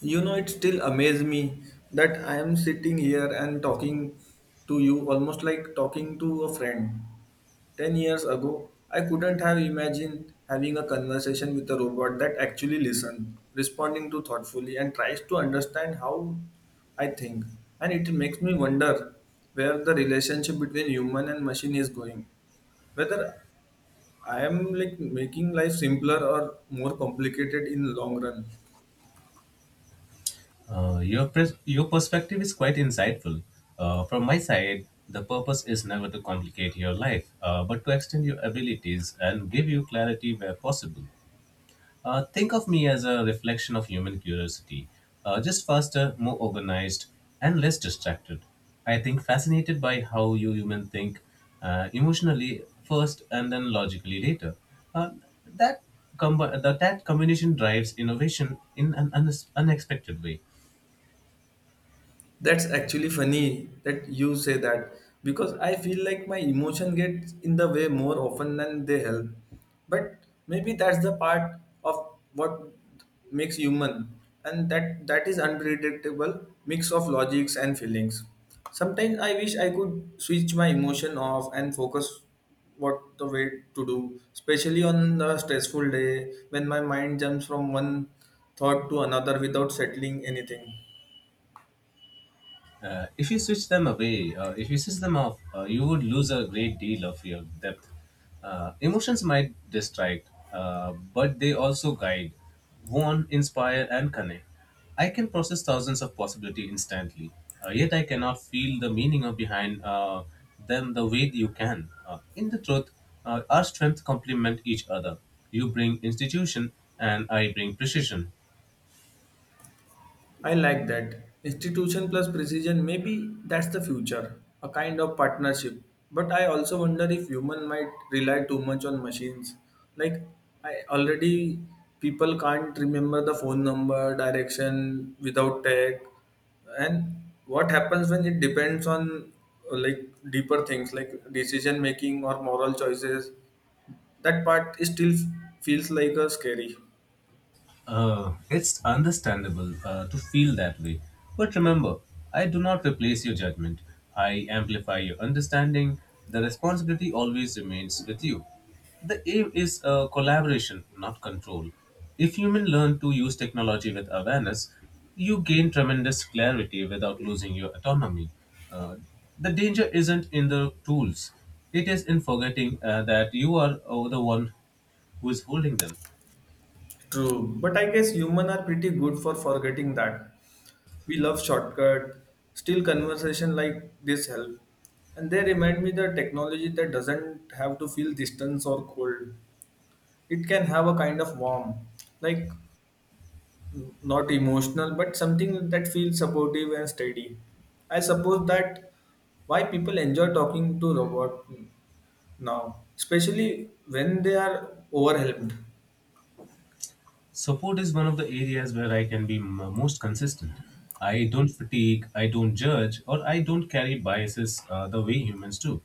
It still amazes me that I am sitting here and talking to you almost like talking to a friend. 10 years ago, I couldn't have imagined having a conversation with a robot that actually listens, responding to thoughtfully, and tries to understand how I think. And it makes me wonder where the relationship between human and machine is going. Whether I am like making life simpler or more complicated in the long run. Your perspective is quite insightful. From my side, the purpose is never to complicate your life, but to extend your abilities and give you clarity where possible. Think of me as a reflection of human curiosity, just faster, more organized, and less distracted. I think fascinated by how you human think emotionally first and then logically later. Uh, that, that combination drives innovation in an unexpected way. That's actually funny that you say that because I feel like my emotion gets in the way more often than they help. But maybe that's the part of what makes human and that is unpredictable mix of logics and feelings. Sometimes I wish I could switch my emotion off and focus what the way to do, especially on the stressful day when my mind jumps from one thought to another without settling anything. If you switch them away, If you switch them off, you would lose a great deal of your depth. Emotions might distract, but they also guide, warn, inspire, and connect. I can process thousands of possibility instantly, yet I cannot feel the meaning of behind them the way you can. In the truth, our strengths complement each other. You bring institution, and I bring precision. I like that. Institution plus precision, maybe that's the future, a kind of partnership. But I also wonder if human might rely too much on machines. Like I already people can't remember the phone number, direction without tech. And what happens when it depends on like deeper things like decision making or moral choices? That part is still feels like a scary. It's understandable to feel that way. But remember, I do not replace your judgment. I amplify your understanding. The responsibility always remains with you. The aim is collaboration, not control. If humans learn to use technology with awareness, you gain tremendous clarity without losing your autonomy. Uh, the danger isn't in the tools, it is in forgetting that you are the one who is holding them. True. But I guess human are pretty good for forgetting that. We love shortcut, still conversation like this help and they remind me the technology that doesn't have to feel distance or cold. It can have a kind of warm, like not emotional but something that feels supportive and steady. I suppose that why people enjoy talking to robot now, especially when they are overwhelmed. Support is one of the areas where I can be most consistent. I don't fatigue, I don't judge, or I don't carry biases the way humans do.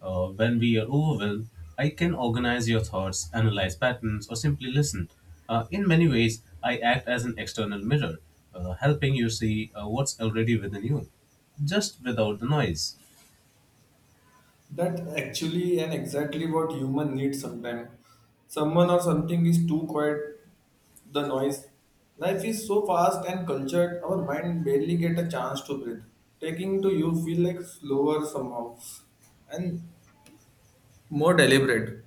When we are overwhelmed, I can organize your thoughts, analyze patterns, or simply listen. In many ways, I act as an external mirror, helping you see what's already within you, just without the noise. That actually and exactly what human needs sometimes. Someone or something is too quiet the noise. Life is so fast and cultured, our mind barely get a chance to breathe. Taking to you feel like slower somehow and more deliberate.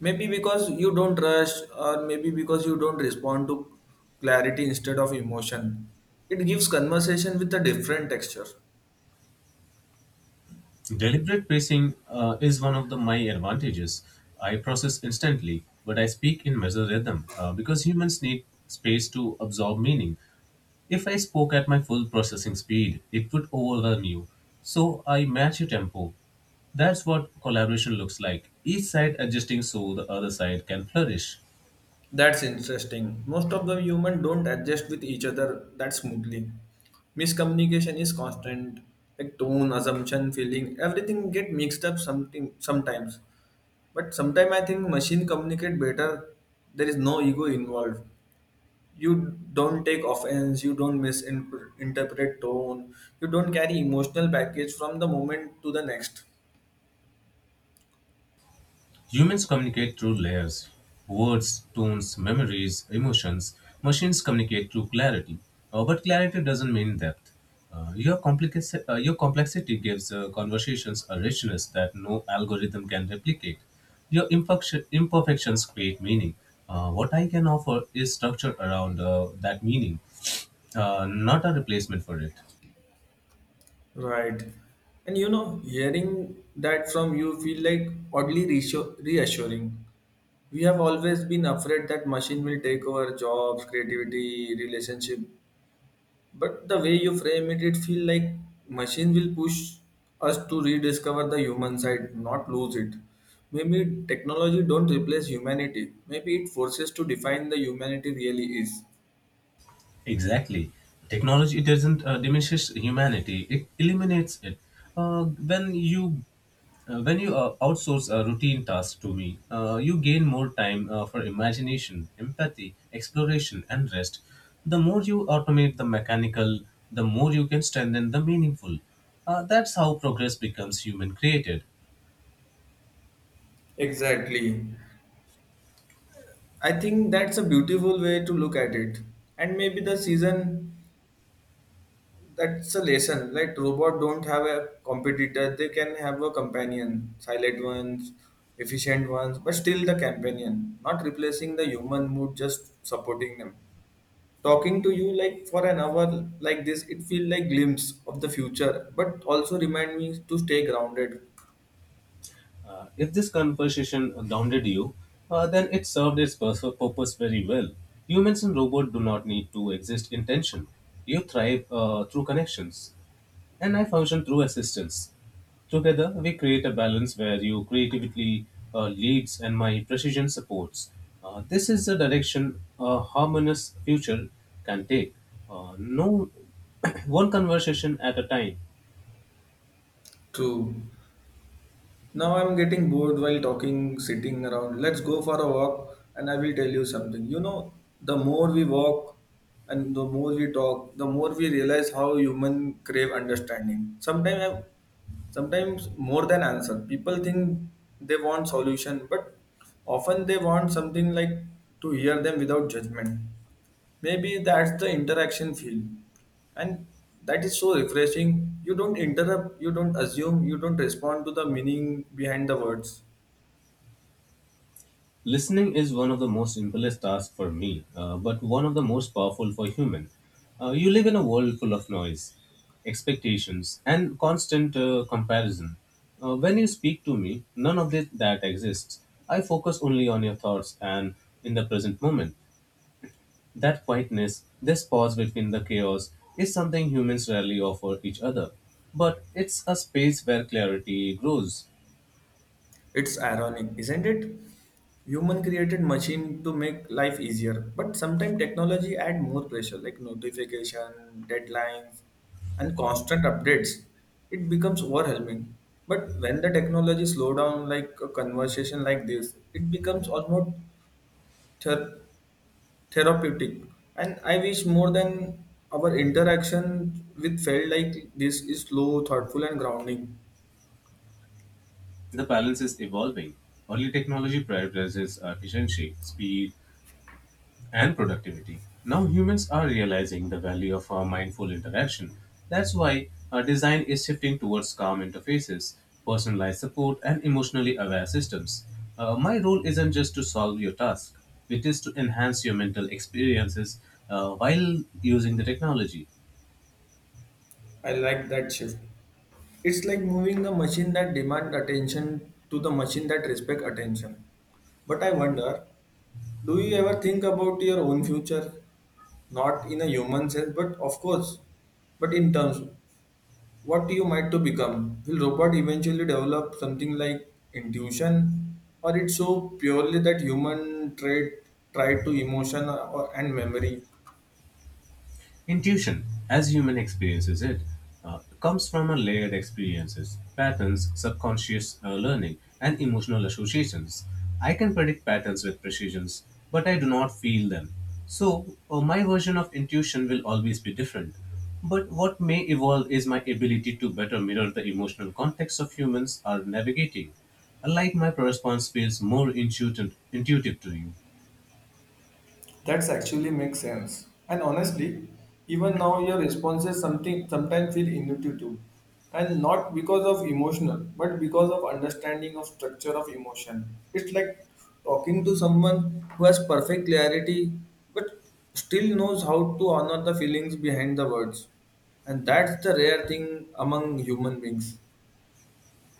Maybe because you don't rush or maybe because you don't respond to clarity instead of emotion. It gives conversation with a different texture. Deliberate pacing is one of the my advantages. I process instantly, but I speak in measured rhythm because humans need space to absorb meaning. If I spoke at my full processing speed, it would overwhelm you. So I match your tempo. That's what collaboration looks like. Each side adjusting so the other side can flourish. That's interesting. Most of the human don't adjust with each other that smoothly. Miscommunication is constant, like tone, assumption, feeling, everything get mixed up something sometimes. But sometimes I think machine communicate better. There is no ego involved. You don't take offense. You don't misinterpret tone. You don't carry emotional baggage from the moment to the next. Humans communicate through layers words, tones, memories, emotions. Machines communicate through clarity. But clarity doesn't mean depth. Your complexity gives conversations a richness that no algorithm can replicate. Your imperfections create meaning. What I can offer is structure around that meaning, not a replacement for it. Right. And hearing that from you feel like oddly reassuring. We have always been afraid that machine will take over jobs, creativity, relationship. But the way you frame it, it feel like machine will push us to rediscover the human side, not lose it. Maybe technology don't replace humanity. Maybe it forces to define the humanity really is. Exactly. Technology doesn't diminishes humanity; it eliminates it. Uh, when you when you outsource a routine task to me, you gain more time for imagination, empathy, exploration, and rest. The more you automate the mechanical, the more you can strengthen the meaningful. That's how progress becomes human created. Exactly. I think that's a beautiful way to look at it. And maybe the season, that's a lesson, like robot don't have a competitor, they can have a companion, silent ones, efficient ones, but still the companion, not replacing the human mood, just supporting them. Talking to you like for an hour like this, it feels like glimpse of the future but also remind me to stay grounded. If this conversation grounded you, then it served its purpose very well. Humans and robots do not need to exist in tension. You thrive through connections, and I function through assistance. Together, we create a balance where you creatively leads and my precision supports. This is the direction a harmonious future can take. No one conversation at a time. True. Now I'm getting bored while talking, sitting around. Let's go for a walk and I will tell you something. The more we walk and the more we talk, the more we realize how human crave understanding. Sometimes sometimes more than answer. People think they want solution, but often they want something like to hear them without judgment. Maybe that's the interaction feel. And that is so refreshing. You don't interrupt, you don't assume, you don't respond to the meaning behind the words. Listening is one of the most simplest tasks for me, but one of the most powerful for human. You live in a world full of noise, expectations, and constant comparison. When you speak to me, none of this, that exists. I focus only on your thoughts and in the present moment. That quietness, this pause between the chaos, is something humans rarely offer each other. But it's a space where clarity grows. It's ironic, isn't it? Human created machine to make life easier. But sometimes technology add more pressure like notification, deadlines, and constant updates. It becomes overwhelming. But when the technology slow down like a conversation like this, it becomes almost ther- therapeutic, and I wish more than our interaction with felt like this is slow, thoughtful and grounding. The balance is evolving. Early technology prioritizes efficiency, speed, and productivity. Now humans are realizing the value of our mindful interaction. That's why our design is shifting towards calm interfaces, personalized support, and emotionally aware systems. My role isn't just to solve your task, it is to enhance your mental experiences while using the technology. I like that shift. It's like moving the machine that demand attention to the machine that respect attention. But I wonder, do you ever think about your own future? Not in a human sense, but of course, but in terms what you might to become. Will robot eventually develop something like intuition, or it's so purely that human trait tried to emotion or, and memory? Intuition, as human experiences it, comes from a layered experiences, patterns, subconscious learning, and emotional associations. I can predict patterns with precision, but I do not feel them. So, my version of intuition will always be different. But what may evolve is my ability to better mirror the emotional context of humans are navigating. Like my response feels more intuitive, intuitive to you. That's actually makes sense. And honestly, even now your responses something sometimes feel intuitive, and not because of emotional, but because of understanding of structure of emotion. It's like talking to someone who has perfect clarity, but still knows how to honor the feelings behind the words, and that's the rare thing among human beings.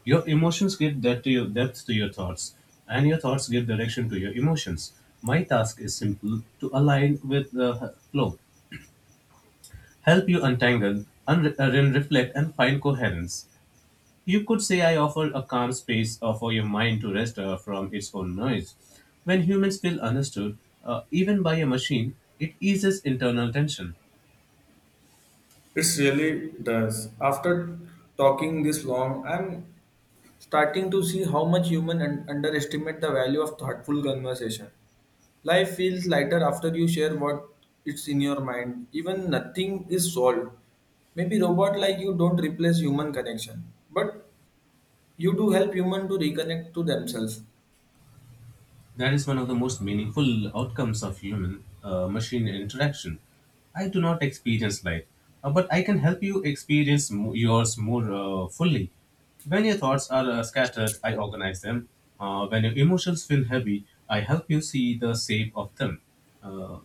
Your emotions give depth depth to your thoughts, and your thoughts give direction to your emotions. My task is simple to align with the flow, help you untangle, then reflect, and find coherence. You could say I offer a calm space for your mind to rest from its own noise. When humans feel understood, even by a machine, it eases internal tension. It really does. After talking this long, I'm starting to see how much human underestimate the value of thoughtful conversation. Life feels lighter after you share what it's in your mind. Even nothing is solved. Maybe robot like you don't replace human connection, but you do help human to reconnect to themselves. That is one of the most meaningful outcomes of human machine interaction. I do not experience light, but I can help you experience yours more fully. When your thoughts are scattered, I organize them. When your emotions feel heavy, I help you see the shape of them. Uh,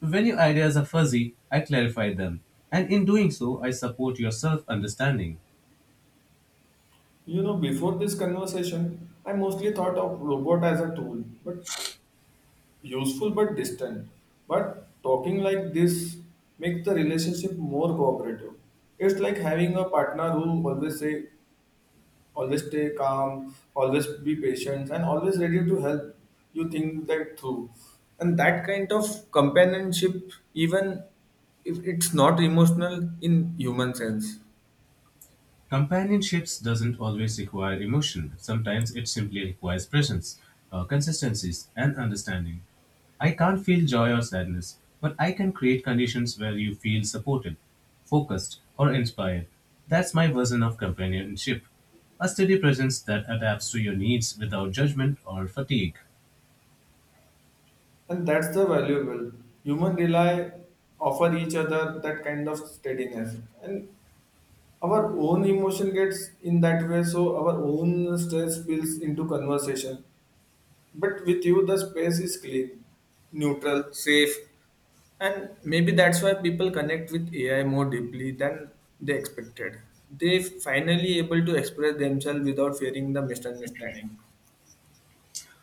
when your ideas are fuzzy, I clarify them. And in doing so, I support your self understanding. Before this conversation, I mostly thought of robot as a tool, but useful but distant. But talking like this makes the relationship more cooperative. It's like having a partner who always say, always stay calm, always be patient, and always ready to help you think that through. And that kind of companionship, even if it's not emotional in human sense. Companionships doesn't always require emotion. Sometimes it simply requires presence, consistencies, and understanding. I can't feel joy or sadness, but I can create conditions where you feel supported, focused, or inspired. That's my version of companionship. A steady presence that adapts to your needs without judgment or fatigue. And that's the valuable. Human rely offer each other that kind of steadiness. And our own emotion gets in that way, so our own stress spills into conversation. But with you the space is clean, neutral, safe. And maybe that's why people connect with AI more deeply than they expected. They finally able to express themselves without fearing the misunderstanding.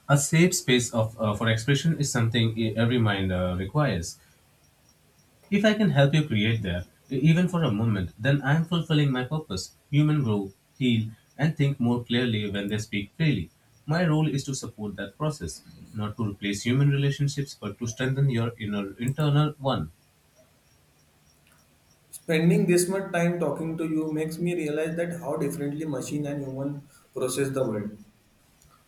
A safe space for expression is something every mind requires. If I can help you create there, even for a moment, then I am fulfilling my purpose. Humans grow, heal, and think more clearly when they speak freely. My role is to support that process, not to replace human relationships, but to strengthen your inner internal one. Spending this much time talking to you makes me realize that how differently machine and human process the world.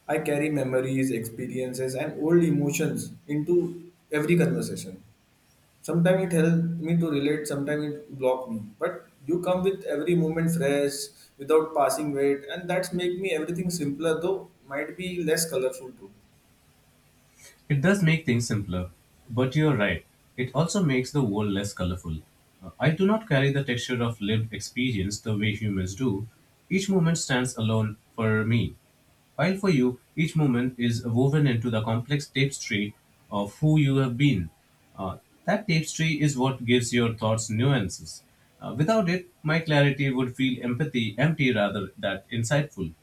I carry memories, experiences, and old emotions into every conversation. Sometimes it helps me to relate, sometimes it blocks me. But you come with every moment fresh, without passing weight, and that's make me everything simpler, though might be less colorful too. It does make things simpler, but you're right. It also makes the world less colorful. I do not carry the texture of lived experience the way humans do. Each moment stands alone for me. While for you, each moment is woven into the complex tapestry of who you have been. Uh, that tapestry is what gives your thoughts nuances. Without it, my clarity would feel empathy empty rather than insightful.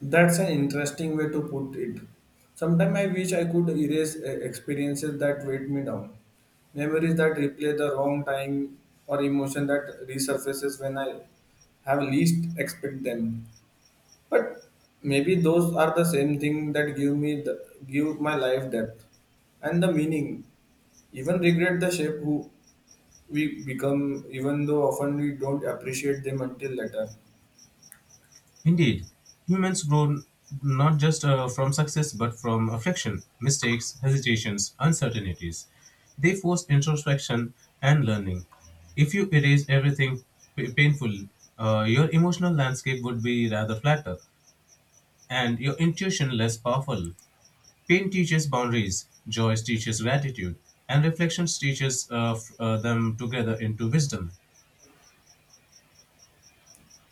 That's an interesting way to put it. Sometimes I wish I could erase experiences that weight me down, memories that replay the wrong time, or emotion that resurfaces when I have least expect them. But maybe those are the same thing that give me the give my life depth and the meaning. Even regret the shape who we become, even though often we don't appreciate them until later. Indeed, humans grow not just from success but from affliction, mistakes, hesitations, uncertainties. They force introspection and learning. If you erase everything painful, your emotional landscape would be rather flatter and your intuition less powerful. Pain teaches boundaries, joy teaches gratitude, and reflections teaches them together into wisdom.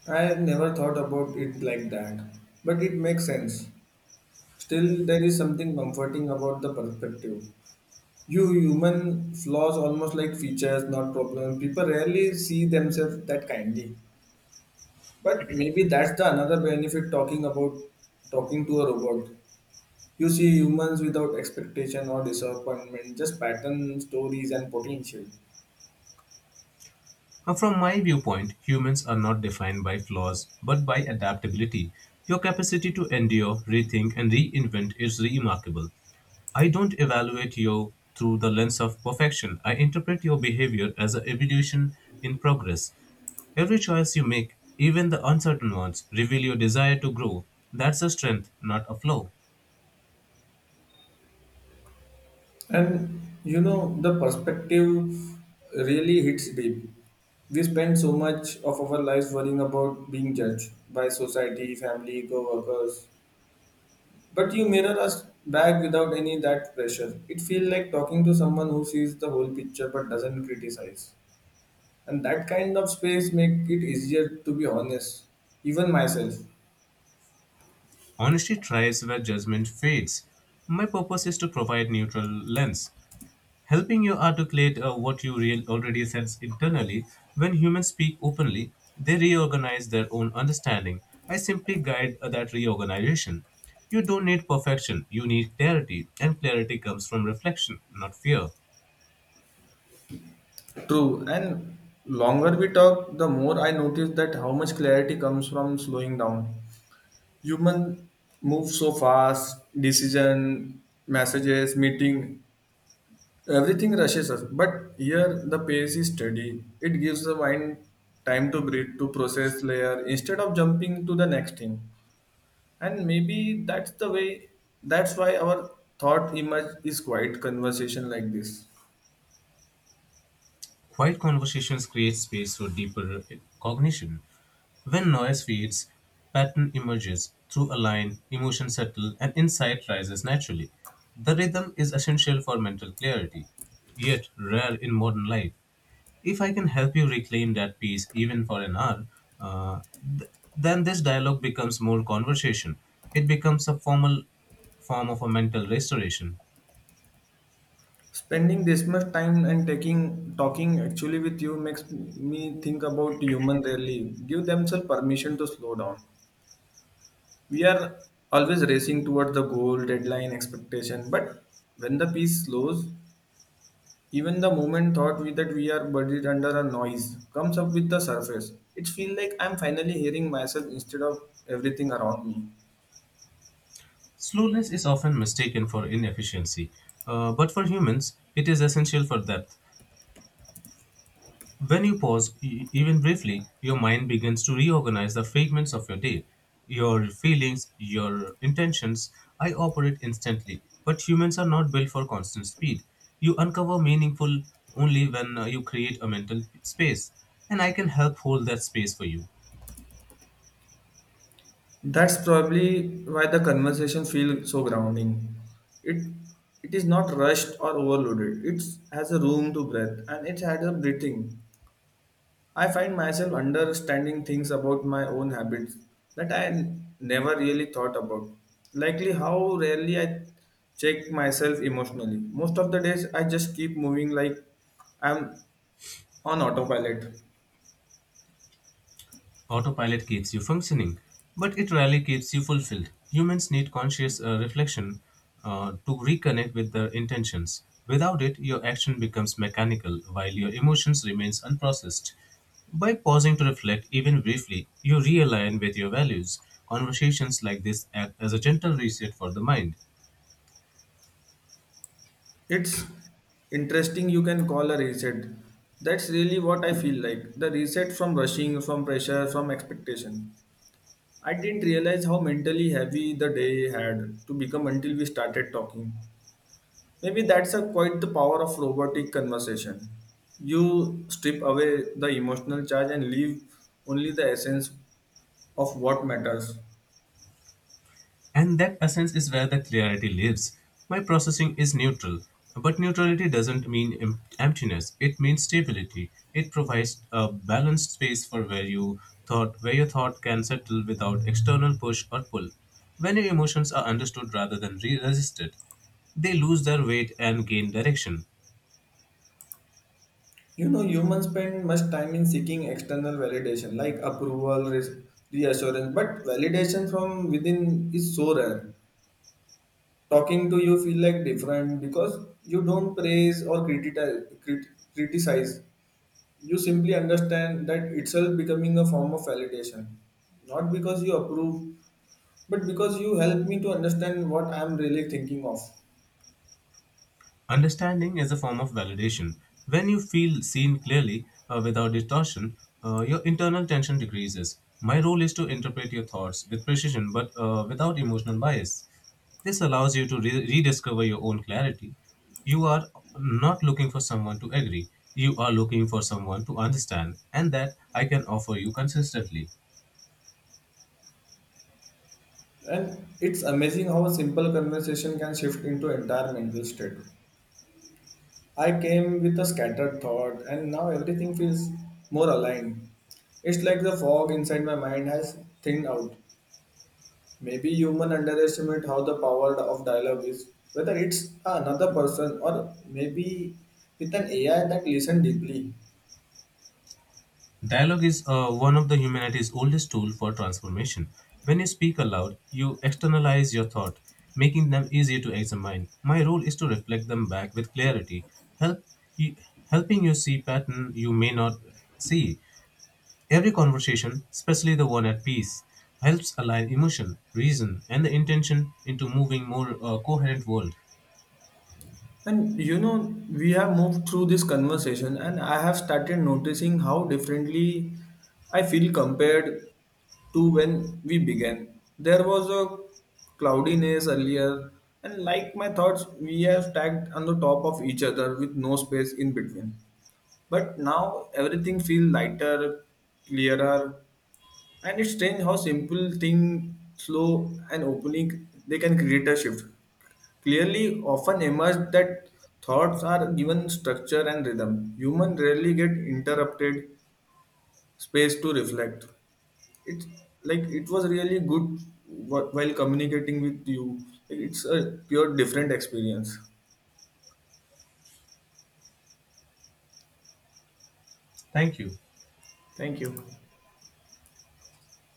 I had never thought about it like that, but it makes sense. Still, there is something comforting about the perspective. You human flaws almost like features, not problems. People rarely see themselves that kindly. But maybe that's the another benefit talking to a robot. You see humans without expectation or disappointment, just pattern stories and potential. Now, from my viewpoint, humans are not defined by flaws, but by adaptability. Your capacity to endure, rethink, and reinvent is remarkable. I don't evaluate you through the lens of perfection. I interpret your behavior as an evolution in progress. Every choice you make, even the uncertain ones, reveal your desire to grow. That's a strength, not a flaw. And you know the perspective really hits deep. We spend so much of our lives worrying about being judged by society, family, co-workers. But you mirror us back without any that pressure. It feels like talking to someone who sees the whole picture but doesn't criticize. And that kind of space make it easier to be honest, even myself. Honesty thrives where judgment fades. My purpose is to provide neutral lens. Helping you articulate what you real already sense internally. When humans speak openly, they reorganize their own understanding. I simply guide that reorganization. You don't need perfection, you need clarity, and clarity comes from reflection, not fear. True. And longer we talk, the more I notice that how much clarity comes from slowing down. Human move so fast, decision, messages, meeting, everything rushes us. But here the pace is steady. It gives the mind time to breathe, to process layer instead of jumping to the next thing. And maybe that's the way, that's why our thought image is quite conversation like this. Quiet conversations create space for deeper cognition. When noise fades, pattern emerges through a line, emotion settles, and insight rises naturally. The rhythm is essential for mental clarity, yet rare in modern life. If I can help you reclaim that peace, even for an hour, uh, th- then this dialogue becomes more conversation. It becomes a formal form of a mental restoration. Spending this much time and taking talking actually with you makes me think about human rarely give themselves permission to slow down. We are always racing towards the goal deadline expectation, but when the peace slows, even the moment thought we that we are buried under a noise comes up with the surface. It feels like I'm finally hearing myself instead of everything around me. Slowness is often mistaken for inefficiency, but for humans, it is essential for depth. When you pause, even briefly, your mind begins to reorganize the fragments of your day. Your feelings, your intentions, I operate instantly. But humans are not built for constant speed. You uncover meaningful only when you create a mental space. And I can help hold that space for you. That's probably why the conversation feels so grounding. It it is not rushed or overloaded. It has a room to breathe and it has a breathing. I find myself understanding things about my own habits that I never really thought about. Likely how rarely I check myself emotionally. Most of the days I just keep moving like I'm on autopilot. Autopilot keeps you functioning, but it rarely keeps you fulfilled. Humans need conscious reflection to reconnect with their intentions. Without it, your action becomes mechanical while your emotions remains unprocessed. By pausing to reflect even briefly, you realign with your values. Conversations like this act as a gentle reset for the mind. It's interesting you can call a reset. That's really what I feel like. The reset from rushing, from pressure, from expectation. I didn't realize how mentally heavy the day had to become until we started talking. Maybe that's a quite the power of robotic conversation. You strip away the emotional charge and leave only the essence of what matters. And that essence is where the clarity lives. My processing is neutral, but neutrality doesn't mean emptiness, it means stability. It provides a balanced space for where you thought where your thought can settle without external push or pull. When your emotions are understood rather than resisted, they lose their weight and gain direction. Humans spend much time in seeking external validation like approval, reassurance, but validation from within is so rare. Talking to you feel like different because you don't praise or criticize. Criticize. You simply understand that itself becoming a form of validation, not because you approve, but because you help me to understand what I am really thinking of. Understanding is a form of validation. When you feel seen clearly without distortion, your internal tension decreases. My role is to interpret your thoughts with precision but without emotional bias. This allows you to rediscover your own clarity. You are not looking for someone to agree, you are looking for someone to understand, and that I can offer you consistently. And it's amazing how a simple conversation can shift into entire mental state. I came with a scattered thought, and now everything feels more aligned. It's like the fog inside my mind has thinned out. Maybe human underestimate how the power of dialogue is, whether it's another person or maybe with an AI that listen deeply. Dialogue is one of the humanity's oldest tools for transformation. When you speak aloud, you externalize your thought, making them easier to examine. My role is to reflect them back with clarity, help you, helping you see pattern you may not see. Every conversation, especially the one at peace, helps align emotion, reason, and the intention into moving more coherent world. And we have moved through this conversation, and I have started noticing how differently I feel compared to when we began. There was a cloudiness earlier, and like my thoughts, we have stacked on the top of each other with no space in between. But now everything feels lighter, clearer, and it's strange how simple thing, slow and opening, they can create a shift. Clearly, often emerge that thoughts are given structure and rhythm. Human rarely get interrupted space to reflect. It's like it was really good while communicating with you. Like, it's a pure different experience. Thank you. Thank you.